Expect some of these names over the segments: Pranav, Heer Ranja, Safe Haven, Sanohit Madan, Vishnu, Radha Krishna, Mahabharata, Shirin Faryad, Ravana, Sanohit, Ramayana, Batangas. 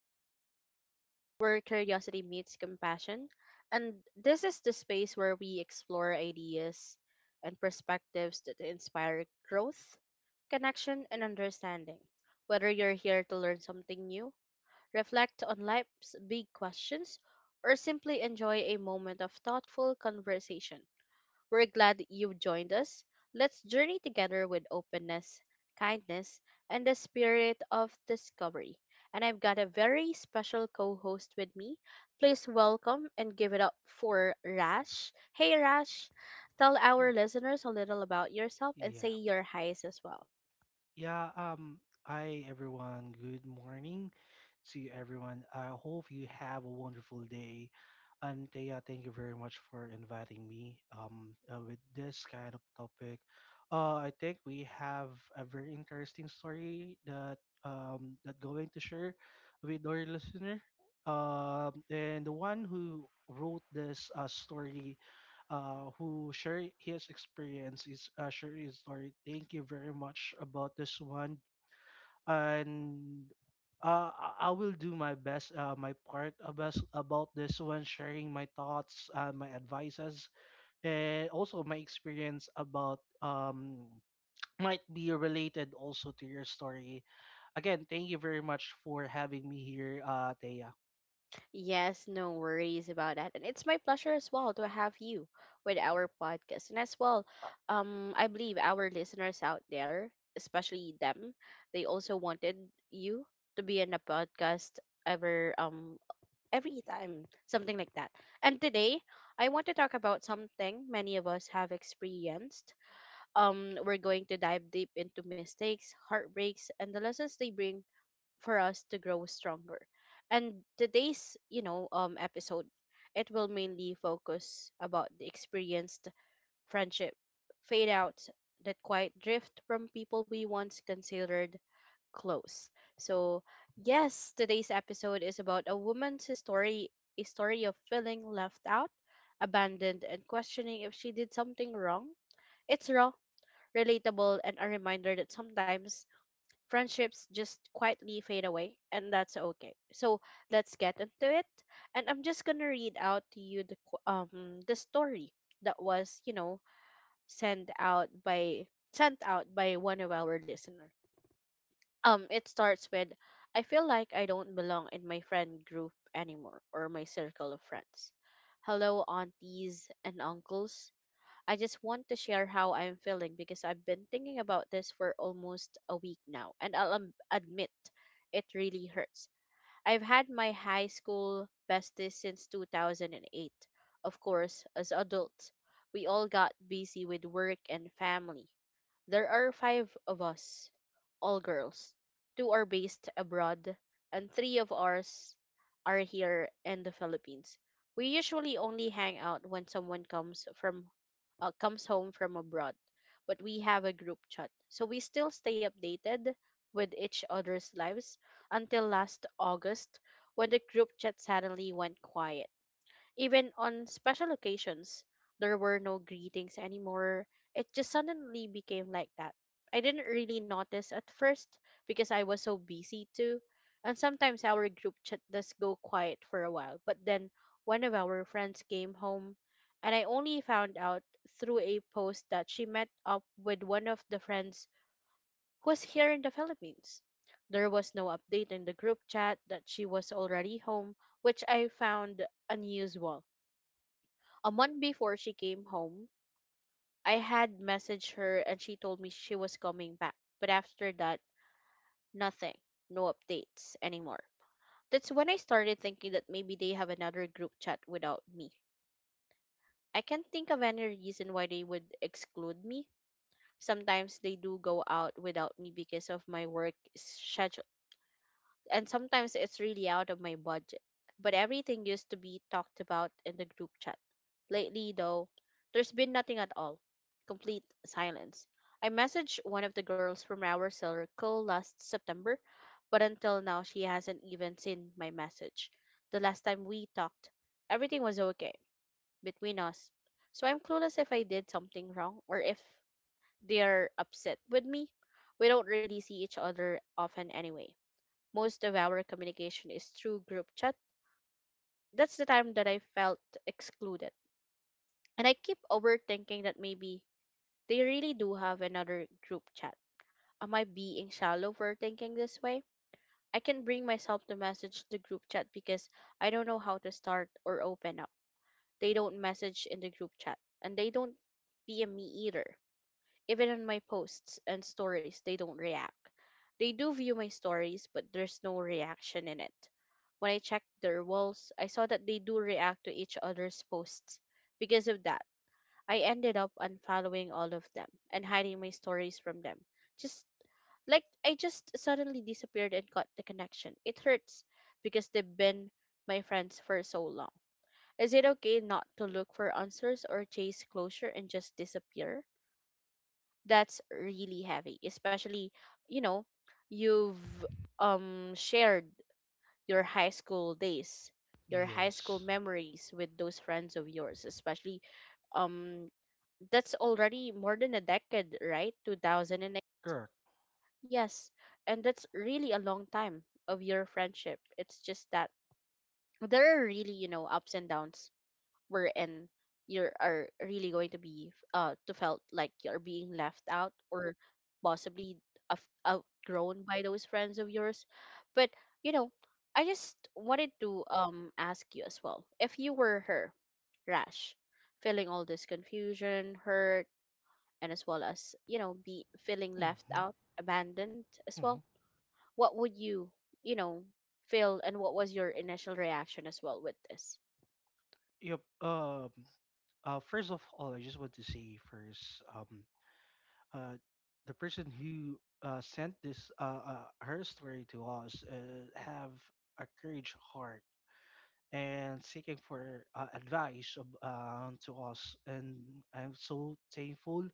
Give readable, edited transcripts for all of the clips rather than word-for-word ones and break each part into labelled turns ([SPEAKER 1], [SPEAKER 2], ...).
[SPEAKER 1] Safe Haven, where curiosity meets compassion. And this is the space where we explore ideas and perspectives that inspire growth, connection, and understanding. Whether you're here to learn something new, reflect on life's big questions, or simply enjoy a moment of thoughtful conversation, we're glad you've joined us. Let's journey together with openness, kindness, and the spirit of discovery. And I've got a very special co host with me. Please welcome and give it up for Rash. Hey, Rash, tell our
[SPEAKER 2] Yeah.
[SPEAKER 1] listeners a little about yourself and say
[SPEAKER 2] Yeah.
[SPEAKER 1] your highs as well.
[SPEAKER 2] Yeah. Um. Hi, everyone. Good morning. To everyone. I hope you have a wonderful day. And Thea, thank you very much for inviting me with this kind of topic. I think we have a very interesting story that that going to share with our listener. And the one who wrote this story, who shared his experience, is shared his story. Thank you very much about this one and I will do my best, my part about this one, sharing my thoughts, my advices, and also my experience about, might be related also to your story. Again, thank you very much for having me here, Thea.
[SPEAKER 1] Yes, no worries about that. And it's my pleasure as well to have you with our podcast. And as well, I believe our listeners out there, especially them, they also wanted you to be in a podcast ever every time, something like that. And today I want to talk about something many of us have experienced. We're going to dive deep into mistakes, heartbreaks, and the lessons they bring for us to grow stronger. And today's episode, it will mainly focus about the experienced friendship fade out, that quiet drift from people we once considered close. So, yes, today's episode is about a woman's story, a story of feeling left out, abandoned and questioning if she did something wrong. It's raw, relatable and a reminder that sometimes friendships just quietly fade away, and that's okay. So let's get into it. And I'm just gonna read out to you the the story that was, you know, sent out by sent out by one of our listeners. It starts with, I feel like I don't belong in my friend group anymore or my circle of friends. Hello, aunties and uncles. I just want to share how I'm feeling because I've been thinking about this for almost a week now, and I'll admit it really hurts. I've had my high school besties since 2008. Of course, as adults, we all got busy with work and family. There are five of us, all girls. Two are based abroad, and three of ours are here in the Philippines. We usually only hang out when someone comes home from abroad, but we have a group chat, so we still stay updated with each other's lives until last August, when the group chat suddenly went quiet. Even on special occasions, there were no greetings anymore. It just suddenly became like that. I didn't really notice at first because I was so busy too. And sometimes our group chat does go quiet for a while, but then one of our friends came home, and I only found out through a post that she met up with one of the friends who was here in the Philippines. There was no update in the group chat that she was already home, which I found unusual. A month before she came home, I had messaged her and she told me she was coming back. But after that, nothing. No updates anymore. That's when I started thinking that maybe they have another group chat without me. I can't think of any reason why they would exclude me. Sometimes they do go out without me because of my work schedule, and sometimes it's really out of my budget. But everything used to be talked about in the group chat. Lately, though, there's been nothing at all. Complete silence. I messaged one of the girls from our circle last September, but until now, she hasn't even seen my message. The last time we talked, everything was okay between us. So I'm clueless if I did something wrong or if they're upset with me. We don't really see each other often anyway. Most of our communication is through group chat. That's the time that I felt excluded. And I keep overthinking that maybe they really do have another group chat. Am I being shallow for thinking this way? I can bring myself to message the group chat because I don't know how to start or open up. They don't message in the group chat and they don't DM me either. Even on my posts and stories, they don't react. They do view my stories, but there's no reaction in it. When I checked their walls, I saw that they do react to each other's posts. Because of that, I ended up unfollowing all of them and hiding my stories from them. Just like I just suddenly disappeared and got the connection. It hurts because they've been my friends for so long. Is it okay not to look for answers or chase closure and just disappear? That's really heavy, especially, you know, you've shared your high school days, your high school
[SPEAKER 2] Yes,
[SPEAKER 1] memories with those friends of yours, especially um that's already more than a decade, right? 2008.
[SPEAKER 2] correct.
[SPEAKER 1] Yes, and that's really a long time of your friendship. It's just that there are really, you know, ups and downs we're in. You are really going to be to felt like you're being left out or possibly outgrown by those friends of yours. But, you know, I just wanted to ask you as well, if you were her, Rash, feeling all this confusion, hurt, and as well as, you know, be feeling left
[SPEAKER 2] Mm-hmm,
[SPEAKER 1] out, abandoned as
[SPEAKER 2] mm-hmm.
[SPEAKER 1] well, what would you, you know, feel, and what was your initial reaction as well with this?
[SPEAKER 2] Yep. Um. First of all, I just want to say first. Uh, the person who sent this her story to us have a courage heart and seeking for advice of, to us and I'm so thankful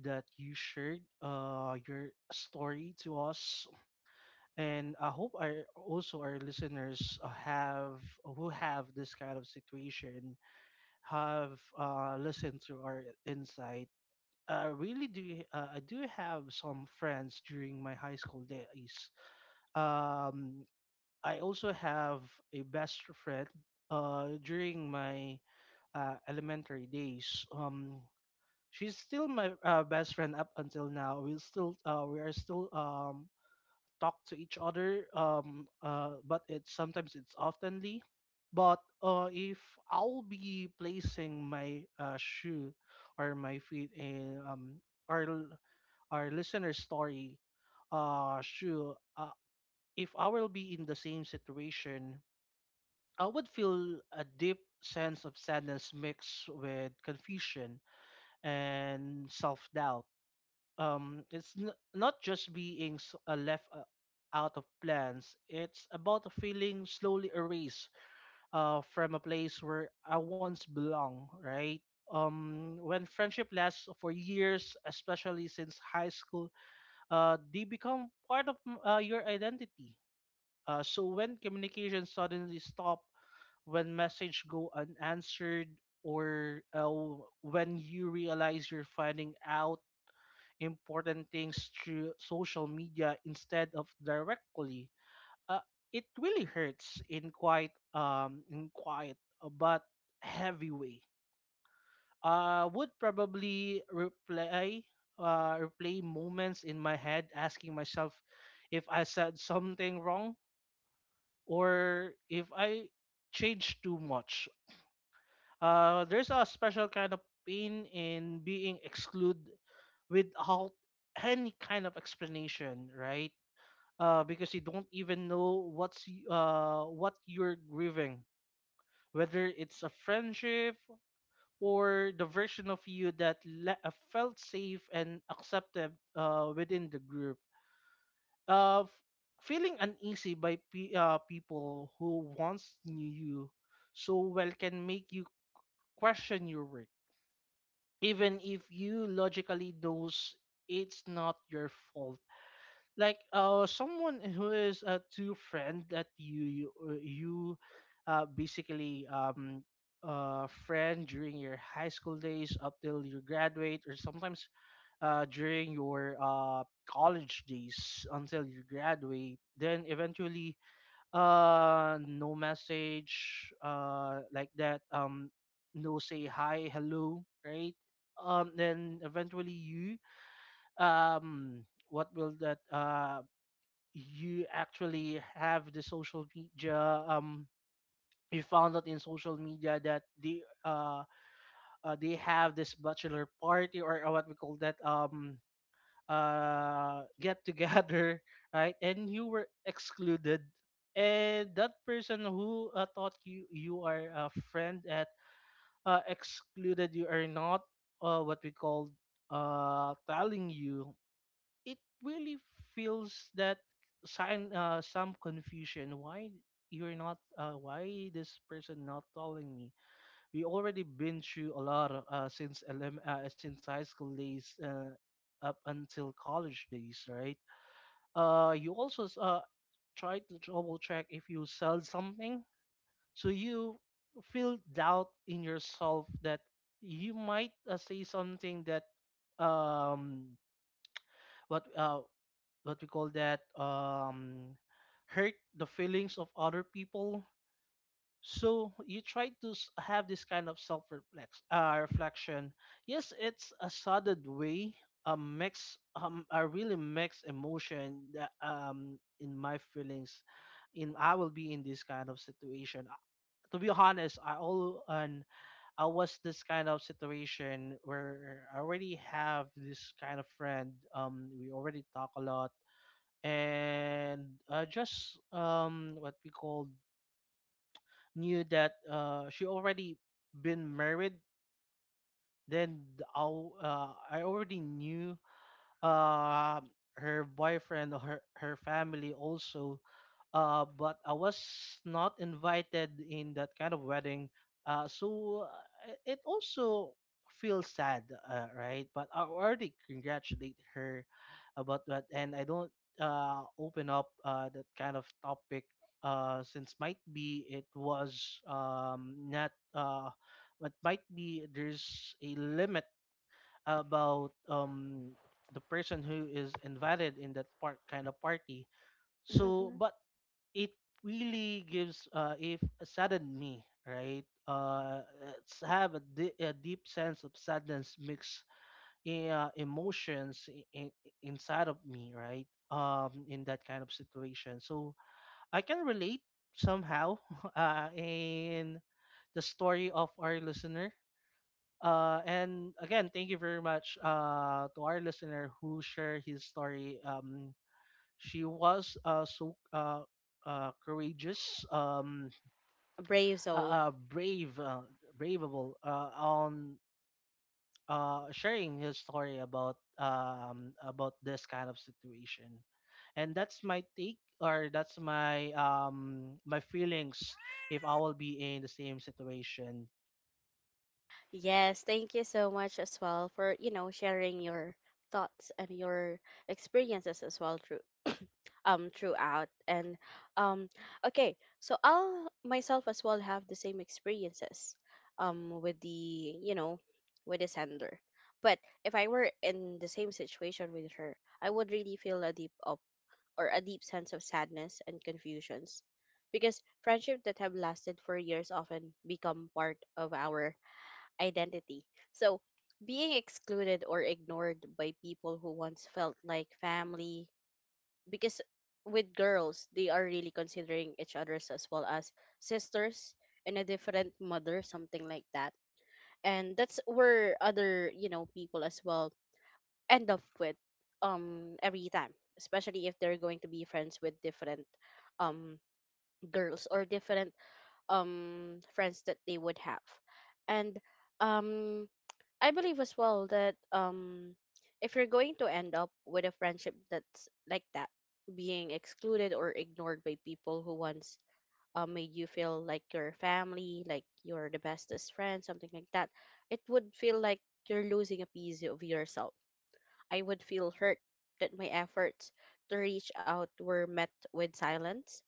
[SPEAKER 2] that you shared your story to us and I hope our also our listeners have who have this kind of situation have listened to our insight. I really do. I do have some friends during my high school days. Um, I also have a best friend during my elementary days. She's still my best friend up until now. We are still talk to each other. But it's sometimes it's oftenly. But if I'll be placing my shoe or my feet in or l- our listener's story, uh, sure, uh, if I will be in the same situation, I would feel a deep sense of sadness mixed with confusion and self-doubt. Not just being left out of plans. It's about a feeling slowly erased from a place where I once belonged, right? When friendship lasts for years, especially since high school, they become part of your identity. So when communication suddenly stop, when message go unanswered, or when you realize you're finding out important things through social media instead of directly, uh, it really hurts in quite in quiet but heavy way. Would probably replay moments in my head, asking myself if I said something wrong or if I changed too much. There's a special kind of pain in being excluded without any kind of explanation, right? Because you don't even know what you're grieving, whether it's a friendship or the version of you that felt safe and accepted within the group. Uh, f- Feeling uneasy by people who once knew you so well can make you question your work, even if you logically knows it's not your fault, like someone who is a true friend that you basically friend during your high school days up till you graduate, or sometimes during your college days until you graduate, then eventually no message like that, no say hi hello, right? Then eventually you um what will that you actually have the social media. um you found out in social media that they they have this bachelor party, or what we call that, get together right, and you were excluded, and that person who thought you are a friend at excluded you, are not what we call telling you. It really feels that sign, some confusion why you're not, why this person not calling me. We already been through a lot since high school days up until college days, right? You try to double check if you sell something, so you feel doubt in yourself that you might say something that um what uh what we call that hurt the feelings of other people. So you try to have this kind of self reflex, reflection. Yes, it's a sudden way, a really mixed emotion that in my feelings. In i will be in this kind of situation. To be honest, I all and I was this kind of situation where I already have this kind of friend, we already talk a lot, and just what we called, knew that she already been married. I'll, I already knew uh, her boyfriend or her, her family also. But I was not invited in that kind of wedding. It also feels sad, right? But I already congratulate her about that, and I don't open up that kind of topic, since might be it was not but might be there's a limit about the person who is invited in that part kind of party. So
[SPEAKER 1] Hmm.
[SPEAKER 2] but it really gives if saddened me, right? It's have a deep sense of sadness mixed in, emotions in, inside of me, right? In that kind of situation, so I can relate somehow in the story of our listener. And again, thank you very much to our listener who shared his story. She was courageous,
[SPEAKER 1] A brave soul.
[SPEAKER 2] brave, braveable on sharing his story about this kind of situation. And that's my take, or that's my my feelings if I will be in the same situation.
[SPEAKER 1] Yes, thank you so much as well for, you know, sharing your thoughts and your experiences as well through throughout. And um okay, so I'll myself as well have the same experiences with the, you know, with the sender. But if I were in the same situation with her, I would really feel a deep sense of sadness and confusions. Because friendship that have lasted for years often become part of our identity. So, being excluded or ignored by people who once felt like family, because with girls, they are really considering each other's as well as sisters and a different mother, something like that. And that's where other, you know, people as well end up with every time, especially if they're going to be friends with different um girls or different friends that they would have. And um I believe as well that if you're going to end up with a friendship that's like that, being excluded or ignored by people who once made you feel like your family, like you're the bestest friend, something like that, it would feel like you're losing a piece of yourself. I would feel hurt that my efforts to reach out were met with silence,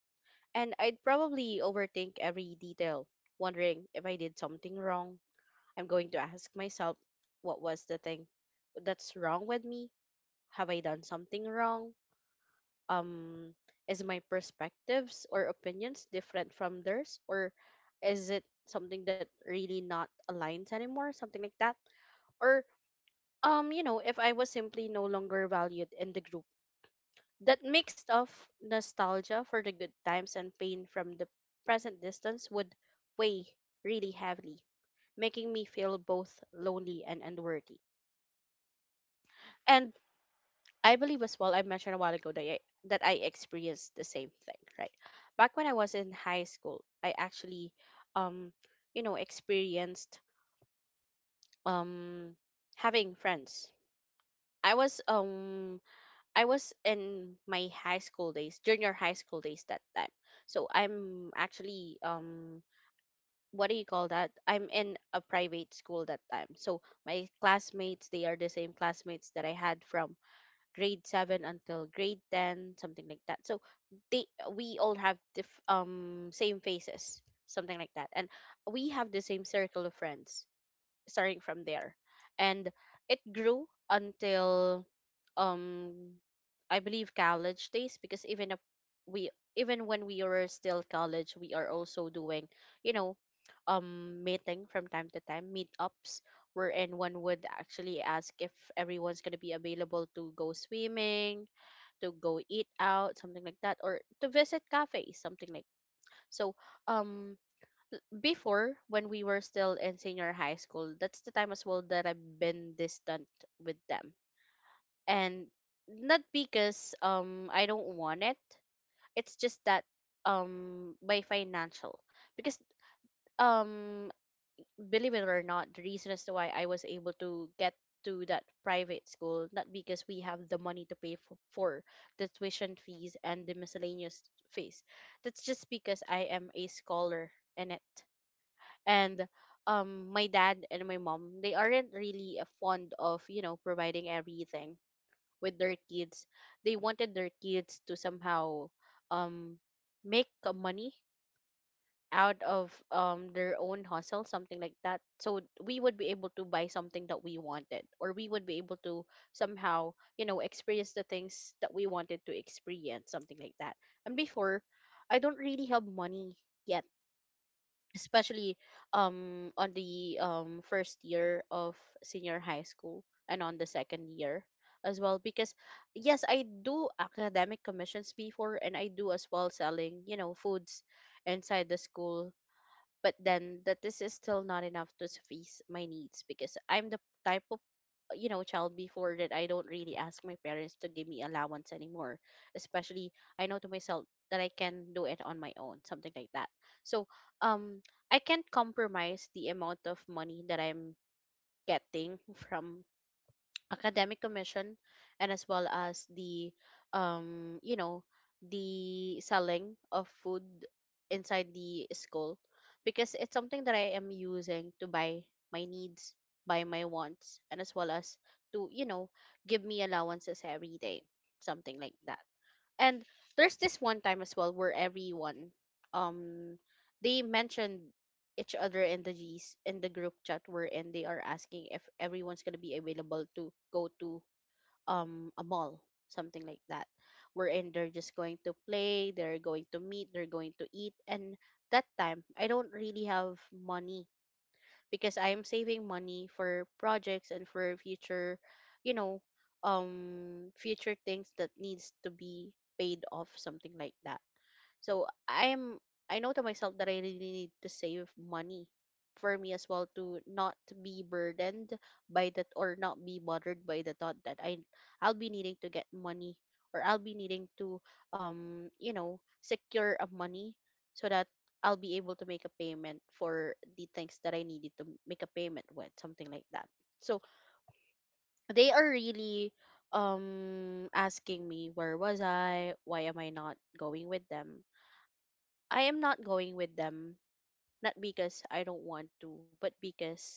[SPEAKER 1] and I'd probably overthink every detail, wondering if I did something wrong. I'm going to ask myself, what was the thing that's wrong with me? Have I done something wrong? Um, is my perspectives or opinions different from theirs? Or is it something that really not aligns anymore? Something like that. Or, you know, if I was simply no longer valued in the group, that mix of nostalgia for the good times and pain from the present distance would weigh really heavily, making me feel both lonely and unworthy. And I believe as well, I mentioned a while ago that that I experienced the same thing, right? Back when I was in high school, I actually, um, you know, experienced um, having friends. I was um I was in my high school days, junior high school days that time. So I'm actually what do you call that? I'm in a private school that time. So my classmates, they are the same classmates that I had from grade 7 until grade 10, something like that. So they we all have same faces, something like that. And we have the same circle of friends starting from there and it grew until um I believe college days, because even if we even when we were still college we are also doing you know meeting from time to time, meetups wherein one would actually ask if everyone's going to be available to go swimming, to go eat out, something like that, or to visit cafes, something like so um Before when we were still in senior high school, that's the time as well that I've been distant with them, and not because I don't want it. It's just that by financial, because um believe it or not, the reason as to why I was able to get to that private school, not because we have the money to pay for the tuition fees and the miscellaneous fees, that's just because I am a scholar in it. And my dad and my mom, they aren't really fond of, you know, providing everything with their kids. They wanted their kids to somehow um make money out of their own hustle, something like that, so we would be able to buy something that we wanted, or we would be able to somehow, you know, experience the things that we wanted to experience, something like that. And before, I don't really have money yet, especially on the first year of senior high school, and on the second year as well, because yes, I do academic commissions before, and I do as well selling, you know, foods inside the school, but then that this is still not enough to suffice my needs, because I'm the type of, you know, child before that I don't really ask my parents to give me allowance anymore, especially I know to myself that I can do it on my own, something like that. So um I can't compromise the amount of money that I'm getting from academic commission, and as well as the um you know the selling of food inside the school, because it's something that I am using to buy my needs, buy my wants, and as well as to, you know, give me allowances every day, something like that. And there's this one time as well where everyone um they mentioned each other in the G's in the group chat where and they are asking if everyone's gonna be available to go to a mall, something like that, wherein they're just going to play, they're going to meet, they're going to eat. And that time I don't really have money, because I am saving money for projects and for future, you know, future things that needs to be paid off, something like that. So I know to myself that I really need to save money for me as well, to not be burdened by that, or not be bothered by the thought that I'll be needing to get money, or I'll be needing to you know, secure a money, so that I'll be able to make a payment for the things that I needed to make a payment with, something like that. So they are really asking me, where was I? Why am I not going with them? I am not going with them, not because I don't want to, but because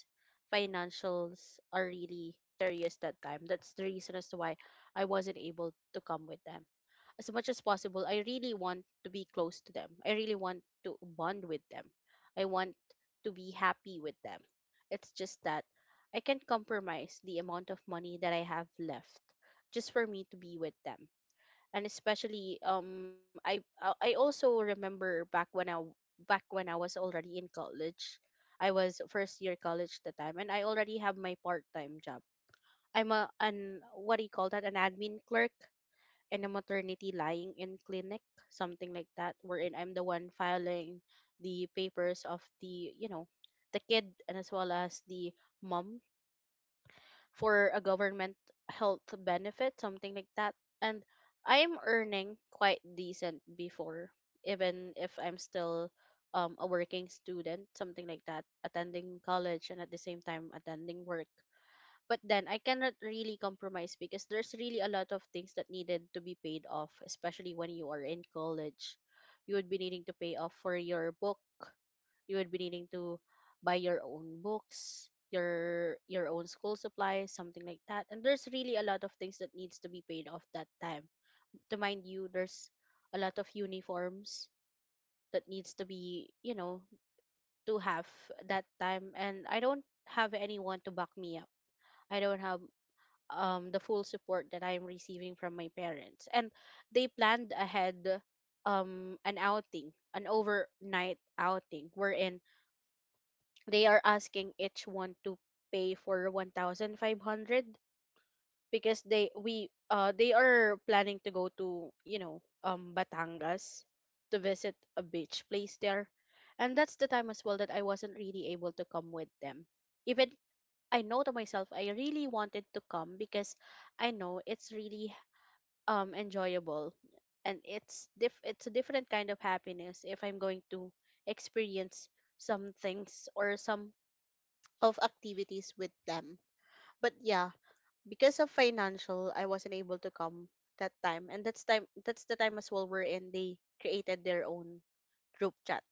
[SPEAKER 1] financials are really serious that time. That's the reason as to why I wasn't able to come with them. As much as possible, I really want to be close to them. I really want to bond with them. I want to be happy with them. It's just that I can't compromise the amount of money that I have left just for me to be with them. And especially I also remember back when I was already in college. I was first year college at the time, and I already have my part-time job. I'm a an what do you call that? An admin clerk in a maternity lying in clinic, something like that, wherein I'm the one filing the papers of the, you know, the kid, and as well as the mom, for a government health benefit, something like that. And I'm earning quite decent before, even if I'm still a working student, something like that, attending college and at the same time attending work, but then I cannot really compromise because there's really a lot of things that needed to be paid off, especially when you are in college. You would be needing to pay off for your book. You would be needing to buy your own books, your own school supplies, something like that. And there's really a lot of things that needs to be paid off that time. To mind you, there's a lot of uniforms that needs to be, you know, to have that time, and I don't have anyone to back me up. I don't have the full support that I'm receiving from my parents. And they planned ahead an outing, an overnight outing, wherein they are asking each one to pay for 1,500 because they are planning to go to, you know, Batangas, to visit a beach place there. And that's the time as well that I wasn't really able to come with them, even I know to myself I really wanted to come, because I know it's really enjoyable, and it's a different kind of happiness if I'm going to experience some things or some of activities with them. But yeah, because of financial, I wasn't able to come that time. And that's the time as well wherein they created their own group chat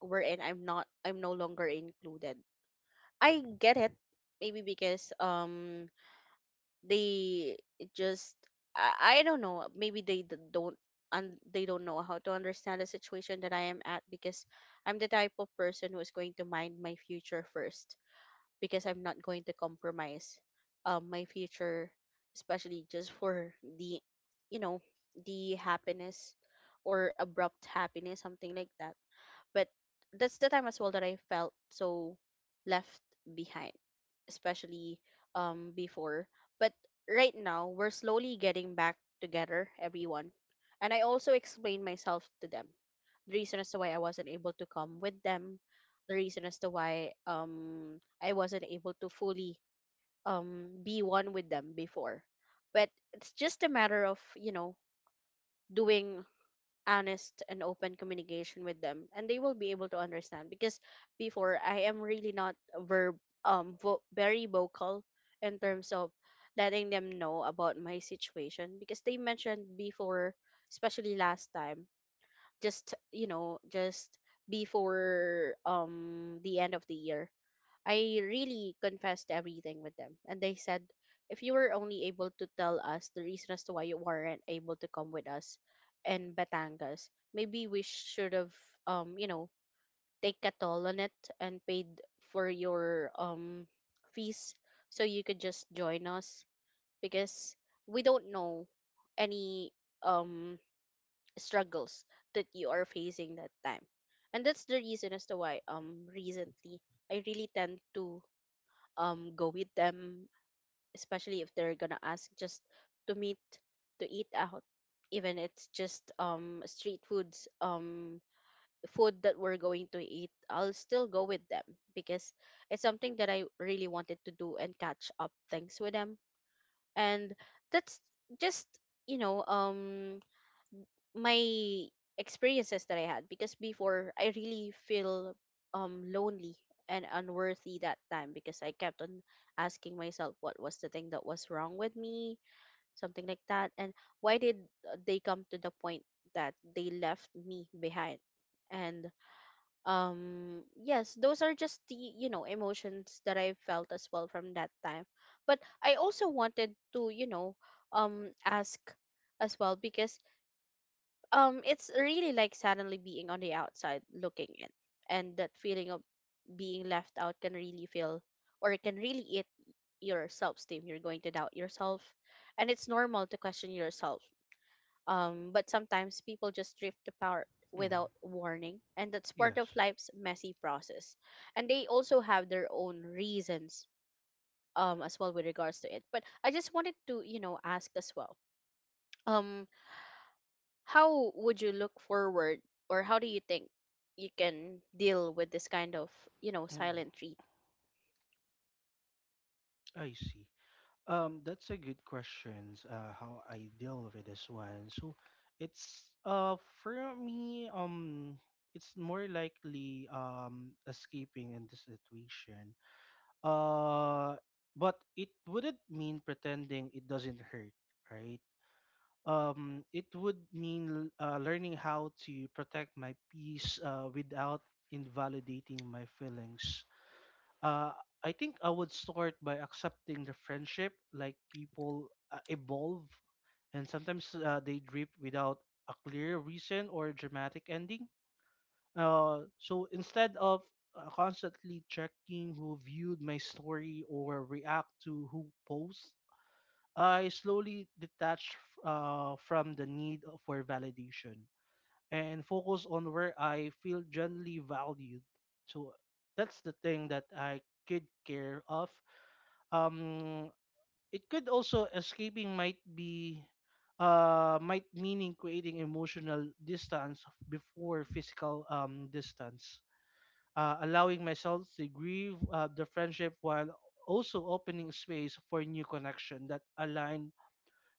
[SPEAKER 1] wherein I'm no longer included. I get it. Maybe because they just I don't know, maybe they don't know how to understand the situation that I am at, because I'm the type of person who's going to mind my future first, because I'm not going to compromise my future, especially just for the, you know, the happiness or abrupt happiness, something like that. But that's the time as well that I felt so left behind, especially before. But right now we're slowly getting back together, everyone. And I also explained myself to them. The reason as to why I wasn't able to come with them, the reason as to why I wasn't able to fully be one with them before. But it's just a matter of, you know, doing honest and open communication with them, and they will be able to understand. Because before I am really not verb very vocal in terms of letting them know about my situation, because they mentioned before, especially last time, just, you know, just before the end of the year I really confessed everything with them. And they said, if you were only able to tell us the reason as to why you weren't able to come with us in Batangas, maybe we should have, you know, take a toll on it and paid for your fees so you could just join us, because we don't know any um struggles that you are facing that time. And that's the reason as to why recently I really tend to go with them, especially if they're gonna ask just to meet, to eat out, even it's just street foods, food that we're going to eat, I'll still go with them, because it's something that I really wanted to do and catch up things with them. And that's just, you know, my experiences that I had, because before I really feel lonely and unworthy that time, because I kept on asking myself what was the thing that was wrong with me, something like that, and why did they come to the point that they left me behind? And yes, those are just the, you know, emotions that I felt as well from that time. But I also wanted to, you know, ask as well because it's really like suddenly being on the outside looking in, and that feeling of being left out can really feel, or it can really eat your self-esteem. You're going to doubt yourself, and it's normal to question yourself, but sometimes people just drift apart
[SPEAKER 2] Mm,
[SPEAKER 1] without warning, and that's part
[SPEAKER 2] yes.
[SPEAKER 1] of life's messy process. And they also have their own reasons as well with regards to it. But I just wanted to, you know, ask as well, um how would you look forward, or how do you think you can deal with this kind of, you know,
[SPEAKER 2] Mm,
[SPEAKER 1] silent treat?
[SPEAKER 2] I see. That's a good question. How I deal with this one. So it's for me it's more likely escaping in this situation. Uh, but it wouldn't mean pretending it doesn't hurt, right? It would mean learning how to protect my peace without invalidating my feelings. uh, I think I would start by accepting the friendship. Like people evolve, and sometimes they drift without a clear reason or dramatic ending. So instead of constantly checking who viewed my story or react to who posts, I slowly detach from the need for validation and focus on where I feel genuinely valued. So that's the thing that I could care of. um, it could also escaping might be might meaning creating emotional distance before physical distance. Allowing myself to grieve the friendship while also opening space for new connection that align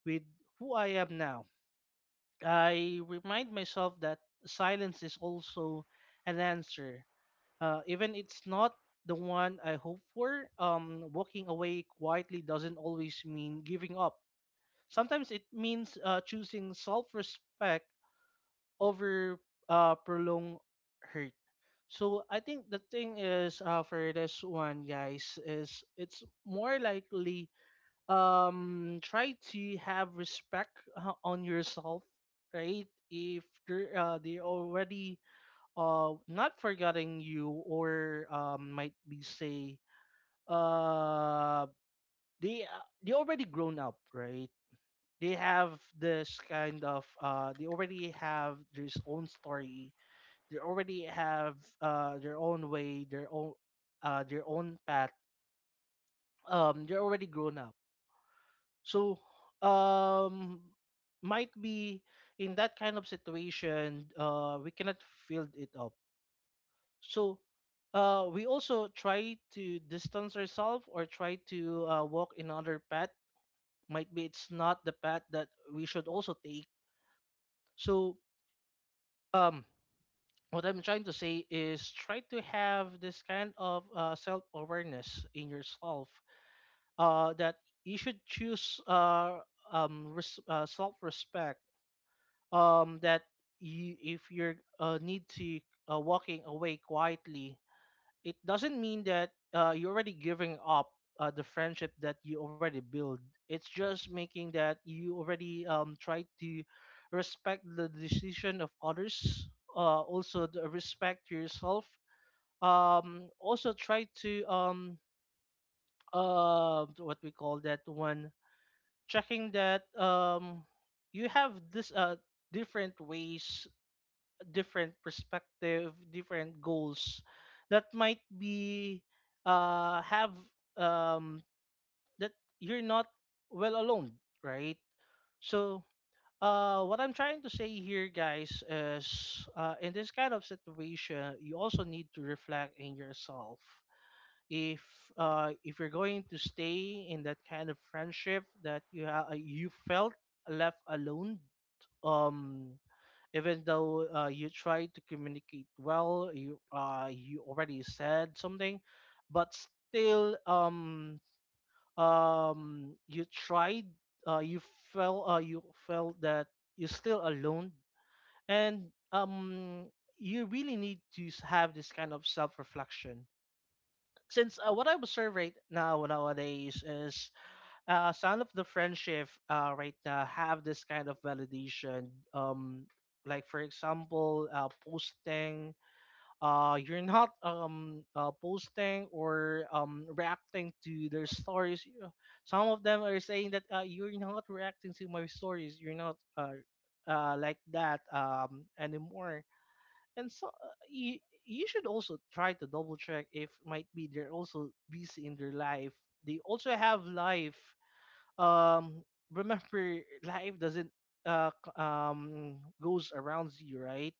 [SPEAKER 2] with who I am now. I remind myself that silence is also an answer, even it's not the one I hope for. Walking away quietly doesn't always mean giving up. Sometimes it means choosing self-respect over prolonged hurt. So I think the thing is for this one, guys, is it's more likely try to have respect on yourself, right? If they already not forgetting you, or might be say uh they already grown up, right? They have this kind of they already have their own story, they already have their own way, their own path, they're already grown up. So um might be in that kind of situation, we cannot fill it up. So we also try to distance ourselves or try to walk another path, might be it's not the path that we should also take. So um, what I'm trying to say is try to have this kind of self-awareness in yourself, that you should choose self-respect, that you, if you're need to walking away quietly, it doesn't mean that you're already giving up the friendship that you already build. It's just making that you already try to respect the decision of others, also the respect yourself. Also try to what we call that one, checking that you have this different ways, different perspective, different goals, that might be have um that you're not well alone, right? So what I'm trying to say here, guys, is in this kind of situation you also need to reflect in yourself, if if you're going to stay in that kind of friendship that you felt left alone, um even though you try to communicate well, you already said something, but still you tried uh, you you felt that you're still alone. And um you really need to have this kind of self-reflection, since what I observe right now nowadays is some of the friendship right now have this kind of validation. Like for example, posting. You're not posting or reacting to their stories. You know, some of them are saying that you're not reacting to my stories. You're not like that anymore. And so you should also try to double check if might be they're also busy in their life. They also have life. um Remember, life doesn't goes around you, right?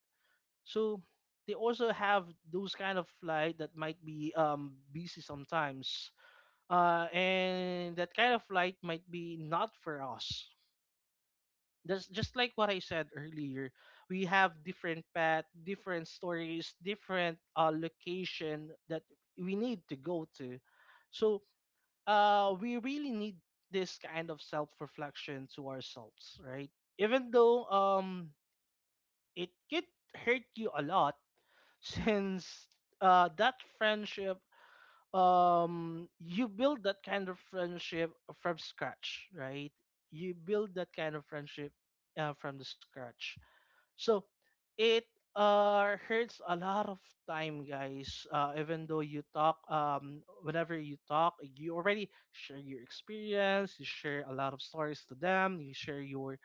[SPEAKER 2] So they also have those kind of flight that might be busy sometimes, and that kind of flight might be not for us. That's just like what I said earlier: we have different path, different stories, different location that we need to go to. So we really need this kind of self-reflection to ourselves, right? Even though it could hurt you a lot, since that friendship, you build that kind of friendship from scratch, right? You build that kind of friendship from the scratch. So it hurts a lot of time, guys. Even though you talk, whenever you talk, you already share your experience. You share a lot of stories to them. You share your,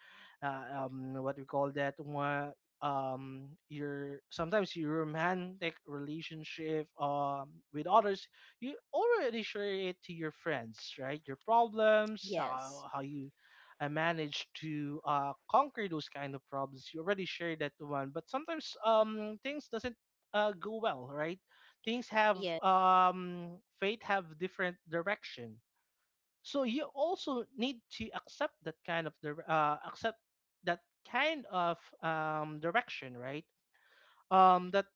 [SPEAKER 2] what do you call that? One, your sometimes your romantic relationship, with others. You already share it to your friends, right? Your problems,
[SPEAKER 1] Yes.
[SPEAKER 2] how you I managed to conquer those kind of problems. You already shared that one, but sometimes things doesn't go well, right? Things have,
[SPEAKER 1] Yes.
[SPEAKER 2] fate have different direction, so you also need to accept that accept that kind of direction, right? That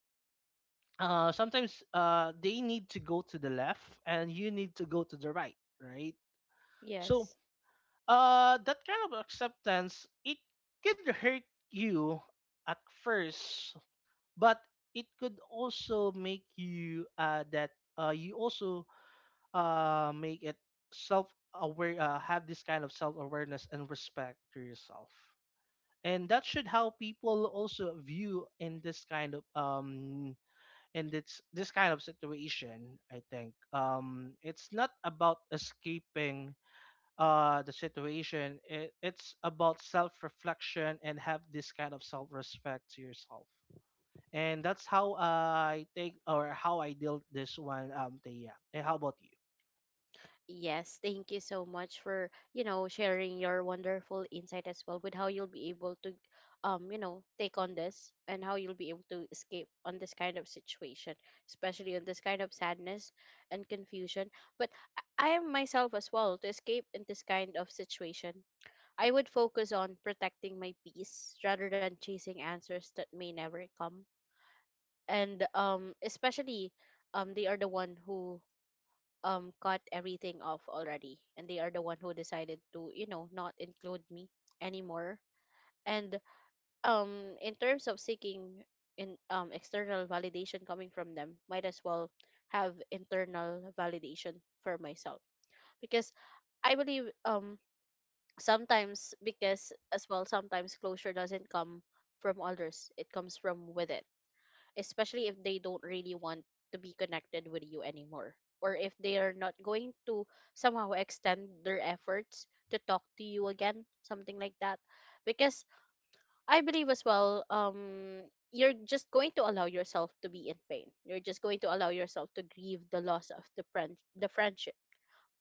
[SPEAKER 2] sometimes they need to go to the left and you need to go to the right, right? So
[SPEAKER 1] Yes.
[SPEAKER 2] that kind of acceptance, it could hurt you at first, but it could also make you that you also make it self aware, have this kind of self awareness and respect to yourself. And that should how people also view in this kind of in this kind of situation. I think it's not about escaping the situation. It's about self reflection and have this kind of self respect to yourself. And that's how I take or how I deal this one, Thea. And how about you?
[SPEAKER 1] Yes, thank you so much for, you know, sharing your wonderful insight as well with how you'll be able to you know, take on this and how you'll be able to escape on this kind of situation, especially on this kind of sadness and confusion. But I am myself as well to escape in this kind of situation. I would focus on protecting my peace rather than chasing answers that may never come. And especially they are the one who cut everything off already, and they are the one who decided to, you know, not include me anymore. And in terms of seeking in external validation coming from them, might as well have internal validation for myself, because I believe, sometimes, because as well sometimes closure doesn't come from others, it comes from with it, especially if they don't really want to be connected with you anymore, or if they are not going to somehow extend their efforts to talk to you again, something like that. Because I believe as well, you're just going to allow yourself to be in pain, you're just going to allow yourself to grieve the loss of the friendship.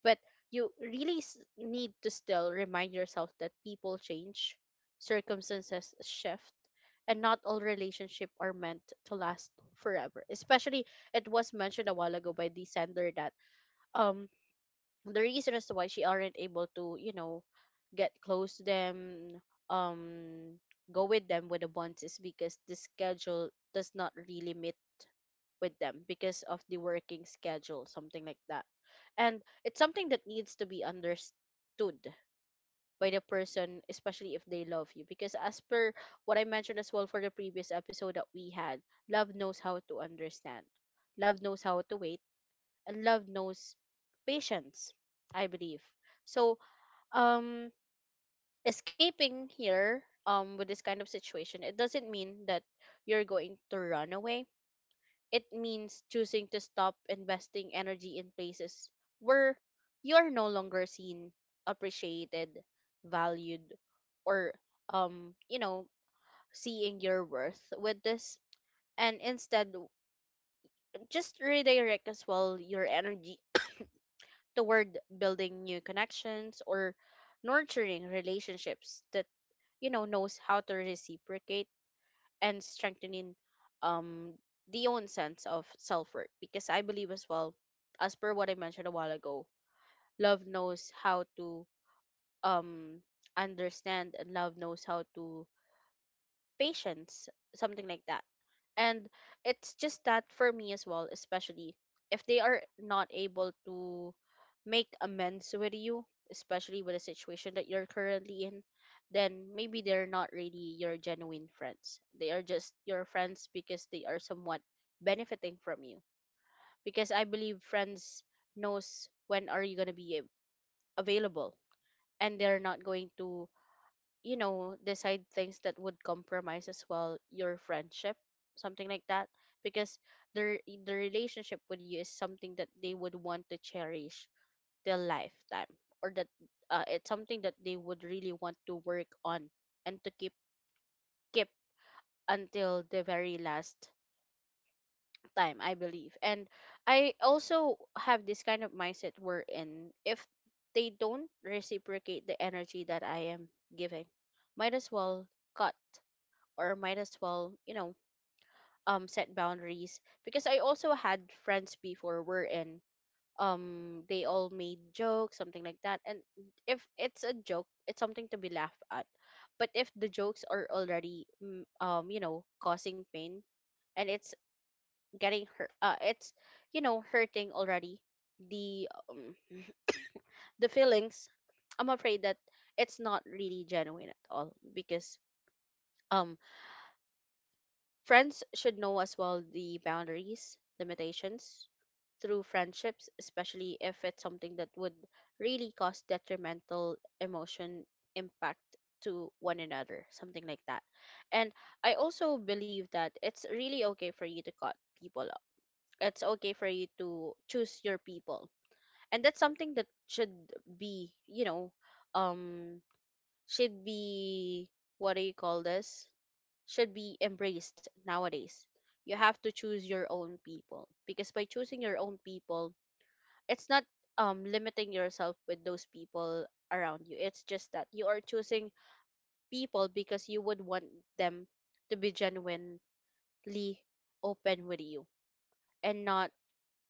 [SPEAKER 1] But you really need to still remind yourself that people change, circumstances shift, and not all relationships are meant to last forever. Especially, it was mentioned a while ago by the sender that um the reason as to why she aren't able to, get close to them, um go with them with the bonds, is because the schedule does not really meet with them because of the working schedule, something like that. And it's something that needs to be understood by the person, especially if they love you. Because as per what I mentioned as well for the previous episode that we had, love knows how to understand, love knows how to wait, and love knows patience, I believe. So, um, escaping here with this kind of situation, it doesn't mean that you're going to run away. It means choosing to stop investing energy in places where you're no longer seen, appreciated, valued, or, um, you know, seeing your worth with this, and instead just redirect as well your energy toward building new connections or nurturing relationships that knows how to reciprocate, and strengthening um the own sense of self worth. Because I believe as well, as per what I mentioned a while ago, love knows how to um understand, and love knows how to patience, something like that. And it's just that for me as well, especially if they are not able to make amends with you, especially with the situation that you're currently in, then maybe they're not really your genuine friends. They are just your friends because they are somewhat benefiting from you. Because I believe friends knows when are you going to be available, and they're not going to, decide things that would compromise as well your friendship, something like that. Because their the relationship with you is something that they would want to cherish their lifetime, or that, it's something that they would really want to work on and to keep until the very last time, I believe. And I also have this kind of mindset wherein if they don't reciprocate the energy that I am giving, might as well cut, or might as well, set boundaries, because I also had friends before were in, they all made jokes, something like that. And if it's a joke, it's something to be laughed at. But if the jokes are already, causing pain, and it's getting hurt, it's hurting already the um, the feelings. I'm afraid that it's not really genuine at all, because, um, friends should know as well the boundaries, limitations through friendships, especially if it's something that would really cause detrimental emotion impact to one another, something like that. And I also believe that it's really okay for you to cut people off. It's okay for you to choose your people. And that's something that should be, um should be, what do you call this, should be embraced nowadays. You have to choose your own people, because by choosing your own people, it's not limiting yourself with those people around you. It's just that you are choosing people because you would want them to be genuinely open with you, and not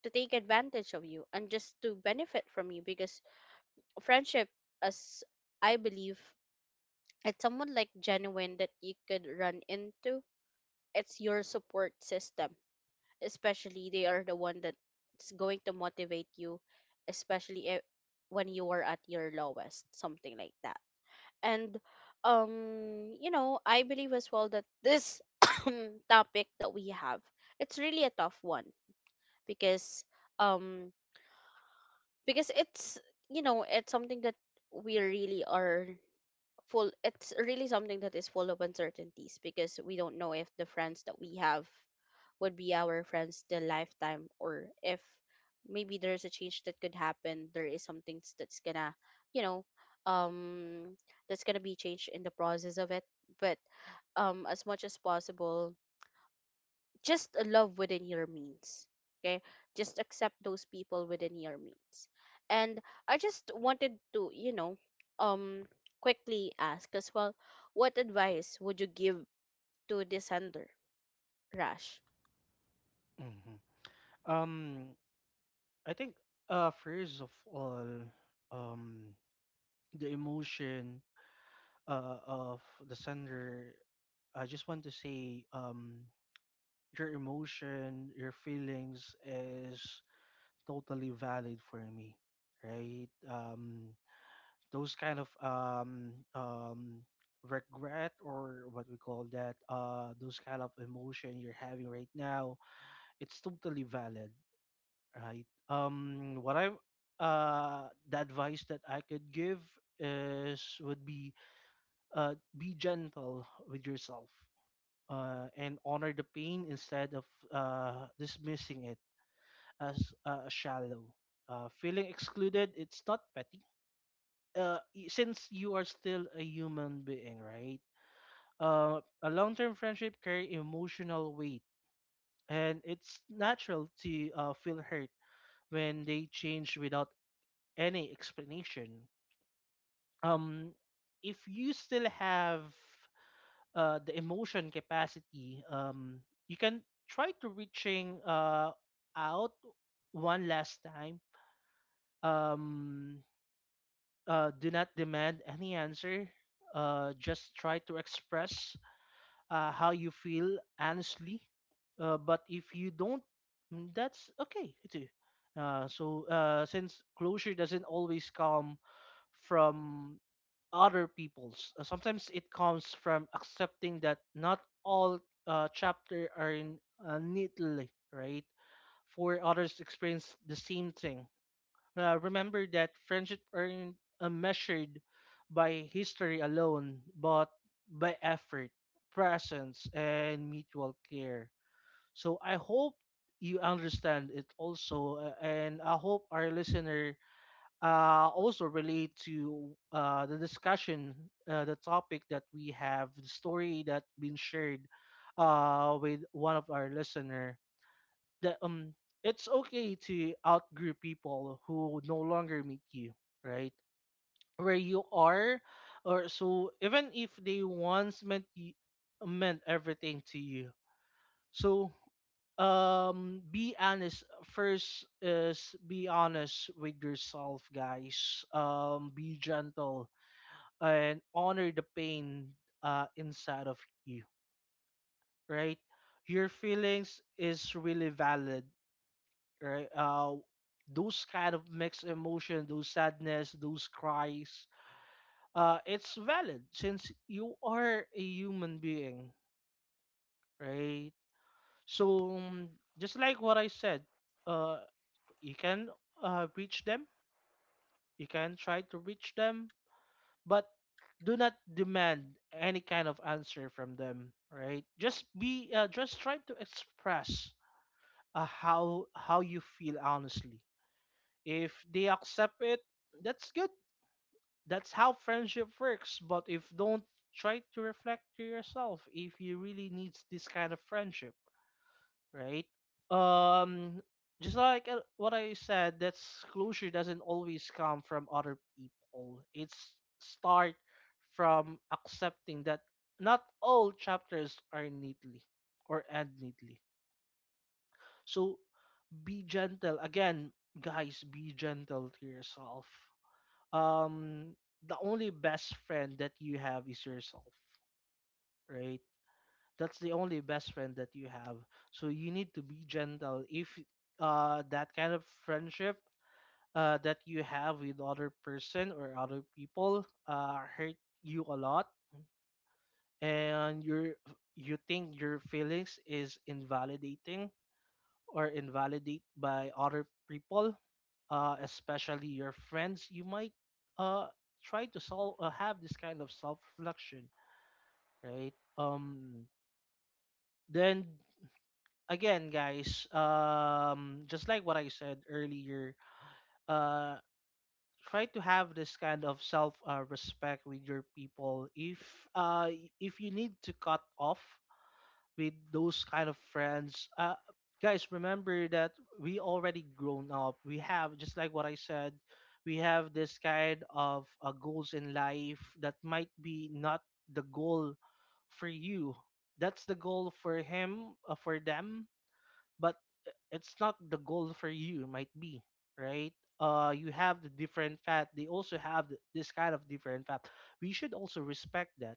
[SPEAKER 1] to take advantage of you and just to benefit from you, because friendship, as I believe, it's someone like genuine that you could run into. It's your support system, especially they are the one that's going to motivate you, especially when you are at your lowest, something like that. And I believe as well that this topic that we have, it's really a tough one, because, um because it's you know it's something that we really are full it's really something that is full of uncertainties. Because we don't know if the friends that we have would be our friends the lifetime, or if maybe there's a change that could happen, there is something that's gonna, you know um that's gonna be changed in the process of it. But, as much as possible, just love within your means. Okay, just accept those people within your means. And I just wanted to, um, quickly ask as well, what advice would you give to this sender, Rash?
[SPEAKER 2] hmm Um, I think, first of all, um, the emotion of the sender. I just want to say, your emotion, your feelings is totally valid for me, right? Those kind of regret or what we call that, those kind of emotion you're having right now, it's totally valid, right? What I The advice that I could give is would be gentle with yourself and honor the pain instead of dismissing it as shallow. Feeling excluded, it's not petty, since you are still a human being, right? A long-term friendship carry emotional weight, and it's natural to feel hurt when they change without any explanation. Um, if you still have the emotion capacity, you can try to reaching out one last time. Um, do not demand any answer. Just try to express how you feel honestly. But if you don't, mm, that's okay too. So since closure doesn't always come from other people's, sometimes it comes from accepting that not all chapter are in neatly, right? For others experience the same thing, remember that friendship aren't measured by history alone, but by effort, presence, and mutual care. So I hope you understand it also, and I hope our listener also relate to the discussion, the topic that we have, the story that been shared with one of our listener, that it's okay to outgrow people who no longer meet you, right? Where you are, or so even if they once meant you, meant everything to you. So be honest, first is be honest with yourself, guys. Be gentle and honor the pain inside of you, right? Your feelings is really valid, right? Those kind of mixed emotion, those sadness, those cries, it's valid since you are a human being, right? So just like what I said, uh, you can, reach them, you can try to reach them, but do not demand any kind of answer from them, right? Just try to express how you feel honestly. If they accept it, that's good, that's how friendship works. But if don't, try to reflect to yourself if you really need this kind of friendship, right? um just like, what I said, that closure doesn't always come from other people, it's start from accepting that not all chapters are neatly or end neatly. So be gentle again, guys, be gentle to yourself. um the only best friend that you have is yourself, right? That's the only best friend that you have. So you need to be gentle if that kind of friendship that you have with other person or other people hurt you a lot, and your, you think your feelings is invalidating or invalidate by other people, especially your friends. You might uh, try to solve, have this kind of self reflection, right? Then again, guys, just like what I said earlier, uh, try to have this kind of self, respect with your people. Uh, if you need to cut off with those kind of friends. Guys, remember that we already grown up. We have, just like what I said, we have this kind of goals in life that might be not the goal for you. That's the goal for him, for them, but it's not the goal for you. Might be, right. You have the different path. They also have this kind of different path. We should also respect that,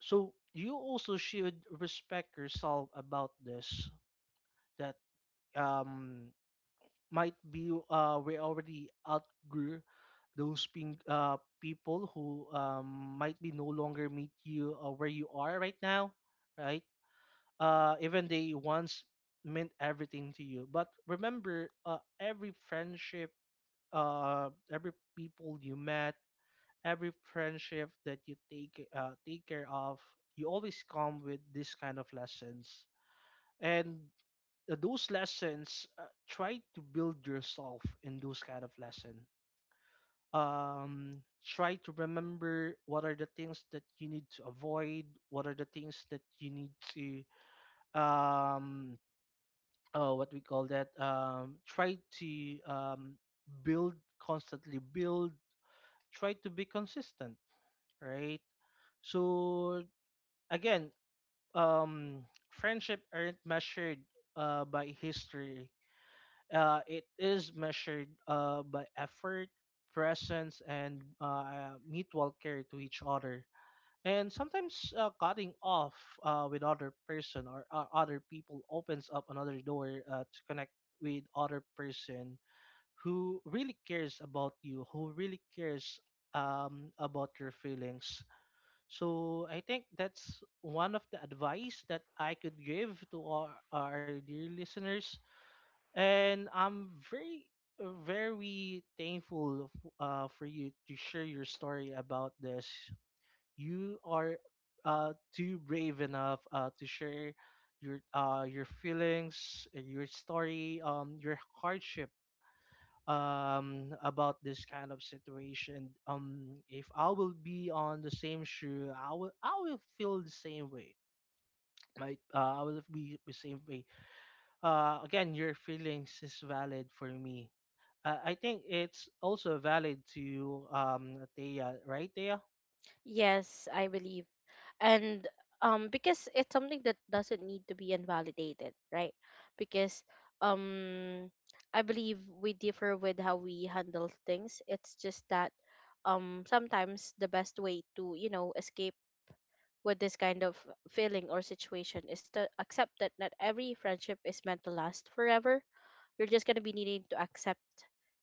[SPEAKER 2] so you also should respect yourself about this. That um might be we already outgrew those people who might be no longer meet you, where you are right now, right? Even they once meant everything to you, but remember, every friendship, every people you met, every friendship that you take, take care of, you always come with this kind of lessons. And those lessons, try to build yourself in those kind of lesson. Try to remember what are the things that you need to avoid, what are the things that you need to um what we call that, try to build, constantly build, try to be consistent, right? So again, um, friendship aren't measured by history. It is measured by effort, presence, and mutual care to each other. And sometimes cutting off with other person or other people opens up another door to connect with other person who really cares about you, who really cares about your feelings. So I think that's one of the advice that I could give to our dear listeners. And I'm very, very thankful for you to share your story about this. You are too brave enough to share your feelings, your story, your hardship about this kind of situation. If I will be on the same shoe, I will feel the same way, right? I will be the same way. Again, your feelings is valid for me. I think it's also valid to Thea, right Thea?
[SPEAKER 1] Yes, I believe, and because it's something that doesn't need to be invalidated, right? Because, um I believe we differ with how we handle things. It's just that, sometimes the best way to, escape with this kind of feeling or situation, is to accept that not every friendship is meant to last forever. You're just going to be needing to accept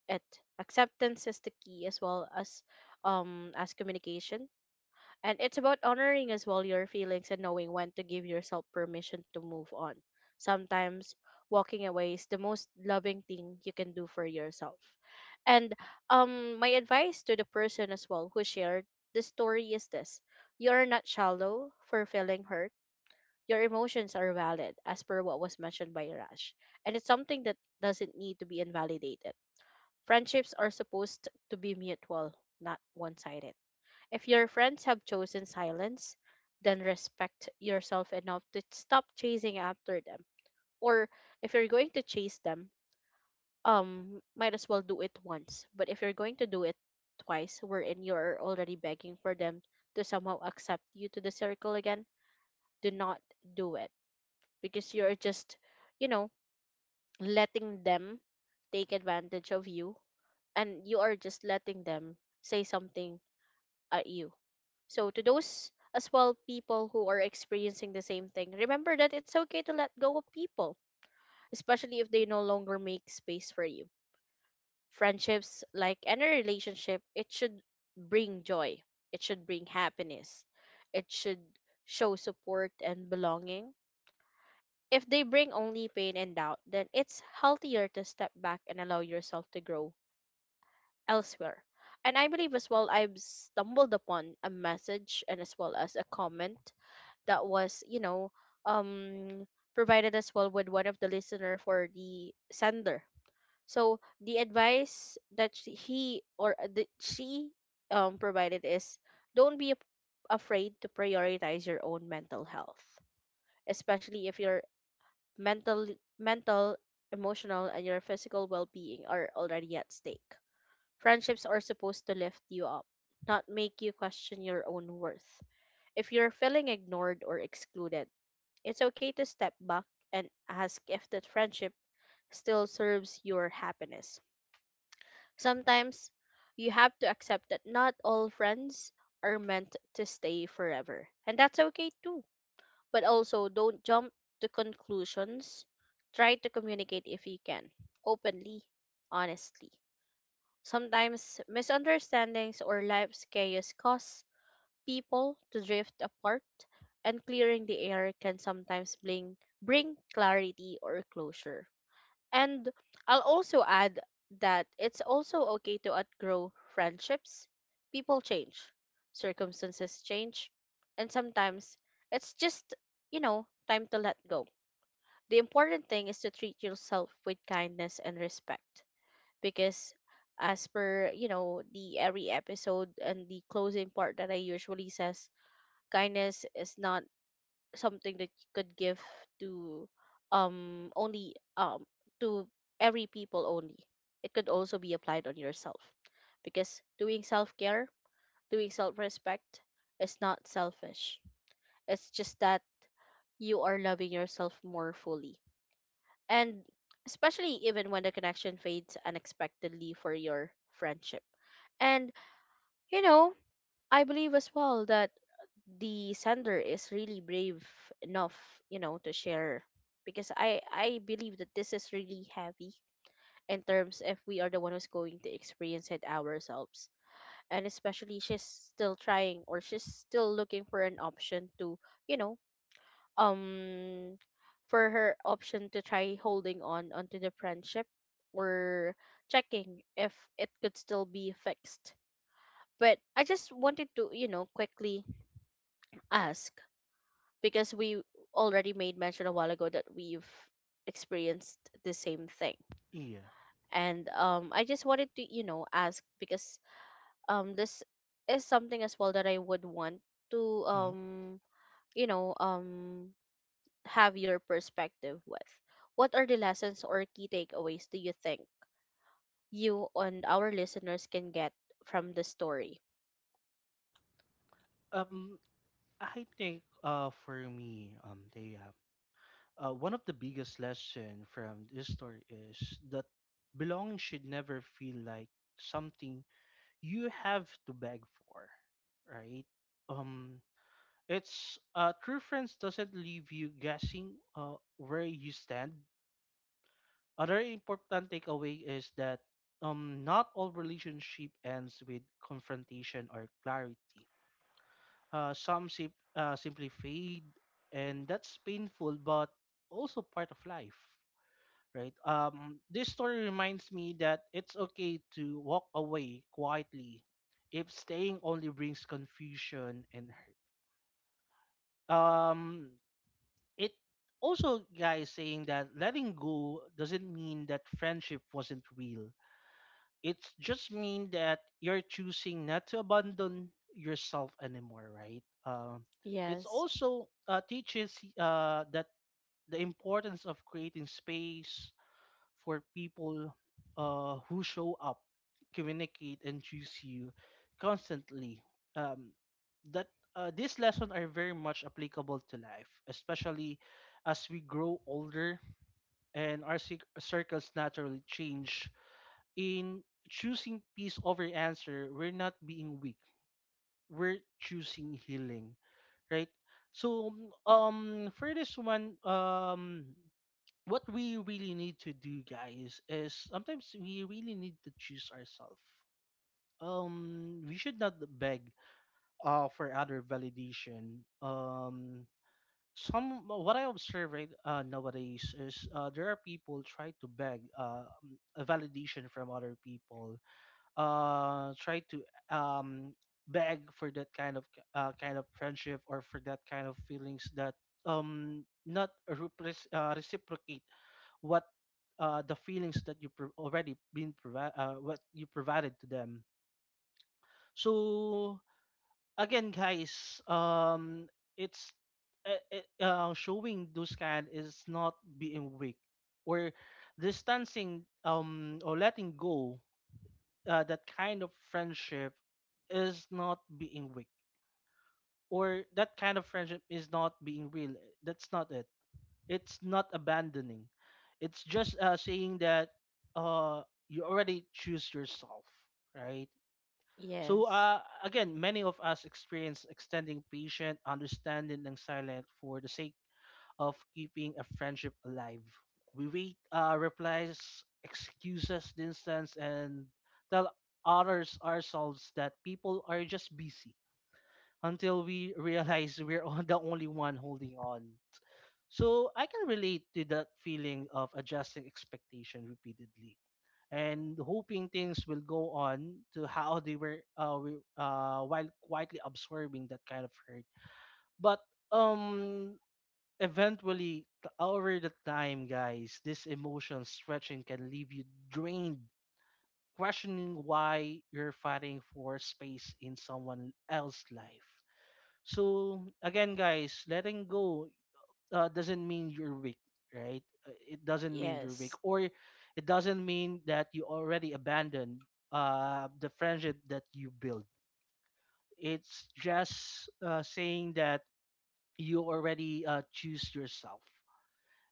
[SPEAKER 1] it. Acceptance is the key, as well as, communication. And it's about honoring as well your feelings and knowing when to give yourself permission to move on. Sometimes walking away is the most loving thing you can do for yourself. And, my advice to the person as well who shared the story is this. You're not shallow for feeling hurt. Your emotions are valid, as per what was mentioned by Rash. And it's something that doesn't need to be invalidated. Friendships are supposed to be mutual, not one sided. If your friends have chosen silence, then respect yourself enough to stop chasing after them. Or if you're going to chase them, might as well do it once. But if you're going to do it twice, wherein you're already begging for them to somehow accept you to the circle again, do not do it, because you're just, you know, letting them take advantage of you, and you are just letting them say something at you. So to those as well people who are experiencing the same thing, remember that it's okay to let go of people, especially if they no longer make space for you. Friendships, like any relationship, it should bring joy. It should bring happiness. It should show support and belonging. If they bring only pain and doubt, then it's healthier to step back and allow yourself to grow elsewhere. And I believe as well, I've stumbled upon a message and as well as a comment that was, um provided as well with one of the listener for the sender. So the advice that she, he, or, that she, provided is: don't be afraid to prioritize your own mental health, especially if your mental mental emotional and your physical well-being are already at stake. Friendships are supposed to lift you up, not make you question your own worth. If you're feeling ignored or excluded, it's okay to step back and ask if that friendship still serves your happiness. Sometimes you have to accept that not all friends are meant to stay forever, and that's okay too. But also, don't jump to conclusions. Try to communicate if you can, openly, honestly. Sometimes misunderstandings or life's chaos cause people to drift apart, and clearing the air can sometimes bring clarity or closure. And I'll also add that it's also okay to outgrow friendships. People change, circumstances change, and sometimes it's just, you know, time to let go. The important thing is to treat yourself with kindness and respect, because as per, you know, the every episode and the closing part that I usually says, kindness is not something that you could give to only, to every people only, it could also be applied on yourself, because doing self-care, doing self-respect, is not selfish. It's just that you are loving yourself more fully, and especially even when the connection fades unexpectedly for your friendship. And you know I believe as well that the sender is really brave enough, to share, because I believe that this is really heavy in terms if we are the one who's going to experience it ourselves. And especially she's still trying, or she's still looking for an option to, you know, um for her option to try holding on onto the friendship, or checking if it could still be fixed. But I just wanted to, quickly ask, because we already made mention a while ago that we've experienced the same thing.
[SPEAKER 2] Yeah
[SPEAKER 1] And I just wanted to, ask, because, this is something as well that I would want to,
[SPEAKER 2] Mhm.
[SPEAKER 1] you know um have your perspective with: what are the lessons or key takeaways do you think you and our listeners can get from the story?
[SPEAKER 2] um I think, for me, they one of the biggest lesson from this story is that belonging should never feel like something you have to beg for, right? Um it's, true friends doesn't leave you guessing where you stand. Other important takeaway is that not all relationship ends with confrontation or clarity. Uh, some simply fade, and that's painful, but also part of life, right? This story reminds me that it's okay to walk away quietly if staying only brings confusion and hurt. Um, it also, guys, saying that letting go doesn't mean that friendship wasn't real. It just mean that you're choosing not to abandon yourself anymore, right? It's
[SPEAKER 1] Yes,
[SPEAKER 2] also, teaches, that the importance of creating space for people who show up, communicate, and choose you constantly. Um, that these lessons are very much applicable to life, especially as we grow older and our circles naturally change in choosing peace over answer, we're not being weak. We're choosing healing, right? So for this one, what we really need to do, guys, is sometimes we really need to choose ourselves. We should not beg for other validation. Some, what I observe right, nowadays, is there are people try to beg, a validation from other people, try to um beg for that kind of friendship or for that kind of feelings that not repres- reciprocate what, the feelings that you already been what you provided to them. So again, guys, it's, uh, uh, showing those kind is not being weak, or distancing or letting go that kind of friendship is not being weak, or that kind of friendship is not being real. That's not it. It's not abandoning. It's just saying that uh, you already choose yourself, right? So
[SPEAKER 1] yes,
[SPEAKER 2] again, many of us experience extending patient understanding and silence for the sake of keeping a friendship alive. We wait, replies, excuses, distance, and tell others ourselves that people are just busy until we realize we're on the only one holding on. So I can relate to that feeling of adjusting expectation repeatedly and hoping things will go on to how they were, while quietly absorbing that kind of hurt. But um eventually, over the time, guys, this emotion stretching can leave you drained, questioning why you're fighting for space in someone else's life. So, again, guys, letting go doesn't mean you're weak, right? It doesn't mean you're weak,
[SPEAKER 1] yes,
[SPEAKER 2] or it doesn't mean that you already abandoned the friendship that you built. It's just saying that you already choose yourself.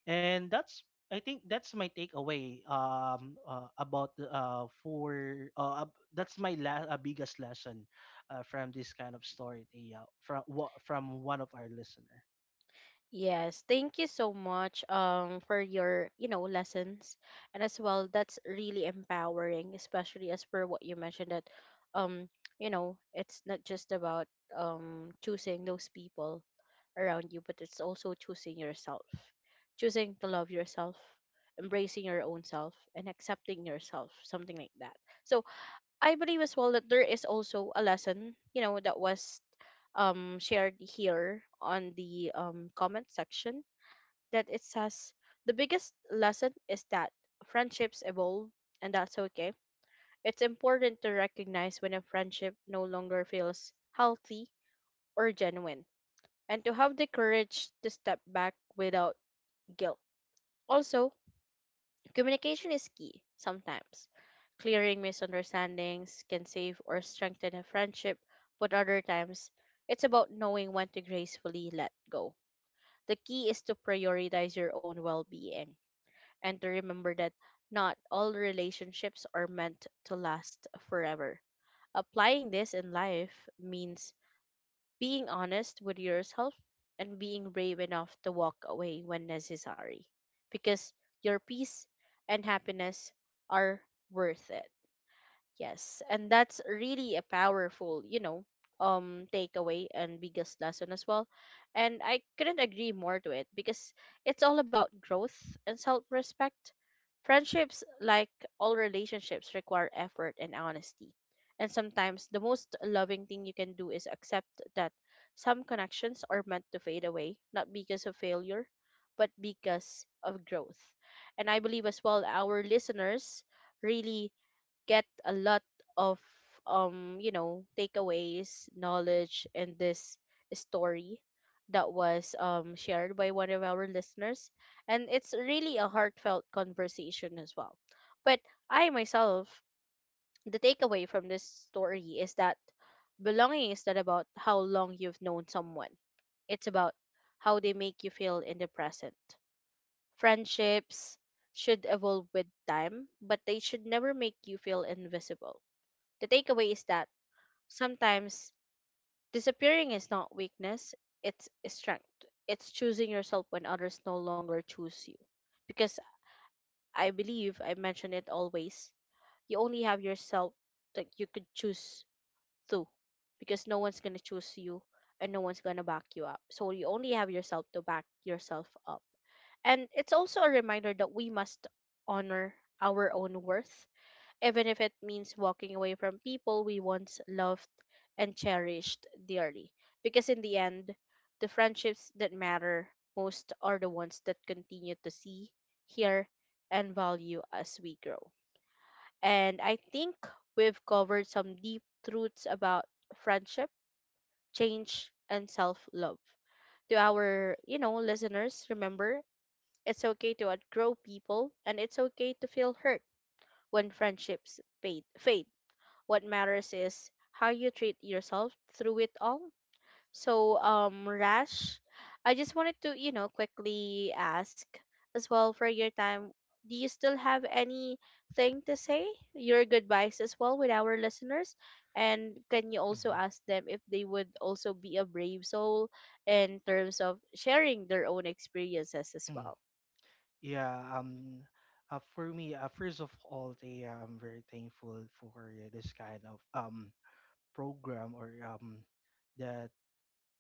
[SPEAKER 2] And that's, I think that's my takeaway about that's my biggest lesson from this kind of story, uh, from one of our listener.
[SPEAKER 1] yes. Thank you so much, for your, lessons. And as well, that's really empowering, especially as per what you mentioned that, um, it's not just about choosing those people around you, but it's also choosing yourself. Choosing to love yourself, embracing your own self and accepting yourself, something like that. So I believe as well that there is also a lesson, that was shared here on the comment section that it says the biggest lesson is that friendships evolve and that's okay. It's important to recognize when a friendship no longer feels healthy or genuine and to have the courage to step back without guilt. Also, communication is key sometimes. Clearing misunderstandings can save or strengthen a friendship, but other times it's about knowing when to gracefully let go. The key is to prioritize your own well being and to remember that not all relationships are meant to last forever. Applying this in life means being honest with yourself and being brave enough to walk away when necessary, because your peace and happiness are worth it. Yes, and that's really a powerful, takeaway and biggest lesson as well, and I couldn't agree more to it, because it's all about growth and self-respect. Friendships, like all relationships, require effort and honesty. And sometimes the most loving thing you can do is accept that some connections are meant to fade away, not because of failure, but because of growth. And I believe as well our listeners really get a lot of takeaways knowledge in this story that was shared by one of our listeners, and it's really a heartfelt conversation as well. But I myself, the takeaway from this story is that belonging is not about how long you've known someone, it's about how they make you feel in the present. Friendships should evolve with time, but they should never make you feel invisible. The takeaway is that sometimes disappearing is not weakness, it's strength. It's choosing yourself when others no longer choose you. Because, I believe I mention it always, you only have yourself that you could choose through, because no one's gonna choose you and no one's gonna back you up. So you only have yourself to back yourself up. And it's also a reminder that we must honor our own worth, even if it means walking away from people we once loved and cherished dearly. Because in the end, the friendships that matter most are the ones that continue to see, hear, and value as we grow. And I think we've covered some deep truths about friendship, change, and self love. To our, listeners, remember it's okay to outgrow people and it's okay to feel hurt when friendships fade. What matters is how you treat yourself through it all. So, Rash, I just wanted to, quickly ask as well for your time. Do you still have anything to say? Your goodbyes as well with our listeners? And can you also
[SPEAKER 2] Mm-hmm.
[SPEAKER 1] ask them if they would also be a brave soul in terms of sharing their own experiences as well?
[SPEAKER 2] Yeah, for me, first of all, I'm very thankful for this kind of program or the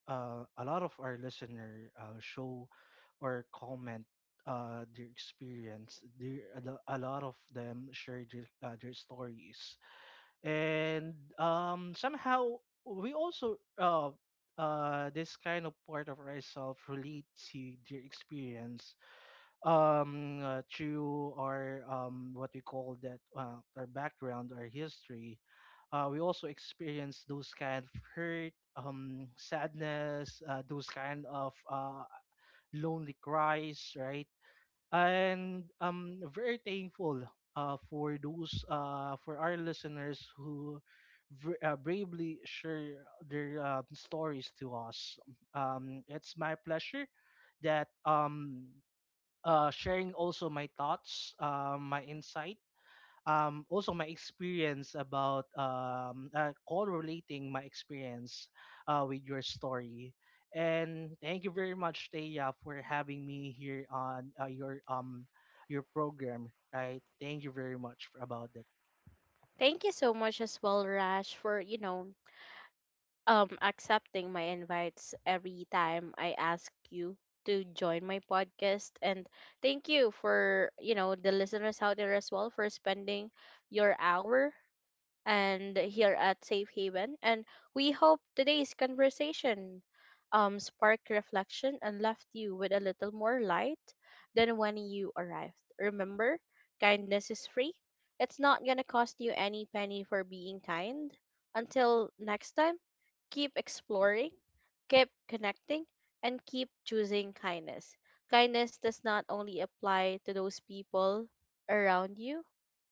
[SPEAKER 2] a lot of our listener show or comment their experience. A lot of them share their stories, and somehow we also, this kind of part of ourselves relate to their experience through our, what we call that, our background, our history, we also experience those kind of hurt, sadness, those kind of lonely cries, right? And I'm very thankful for those for our listeners who bravely share their stories to us. It's my pleasure that sharing also my thoughts, my insight, also my experience about correlating my experience with your story. And thank you very much, Taya, for having me here on your program. Right, thank you very much for, about that.
[SPEAKER 1] Thank you so much as well, Rash, for accepting my invites every time I ask you to join my podcast, and thank you for, the listeners out there as well, for spending your hour and here at Safe Haven. And we hope today's conversation sparked reflection and left you with a little more light than when you arrived. Remember, kindness is free. It's not gonna cost you any penny for being kind. Until next time, keep exploring, keep connecting, and keep choosing kindness. Kindness does not only apply to those people around you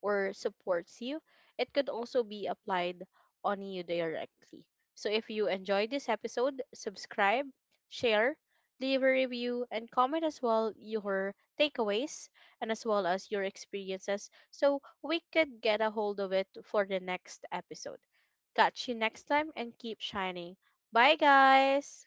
[SPEAKER 1] or supports you, it could also be applied on you directly. So if you enjoyed this episode, subscribe, share, leave a review, and comment as well your takeaways, and as well as your experiences so we could get a hold of it for the next episode. Catch you next time and keep shining. Bye, guys.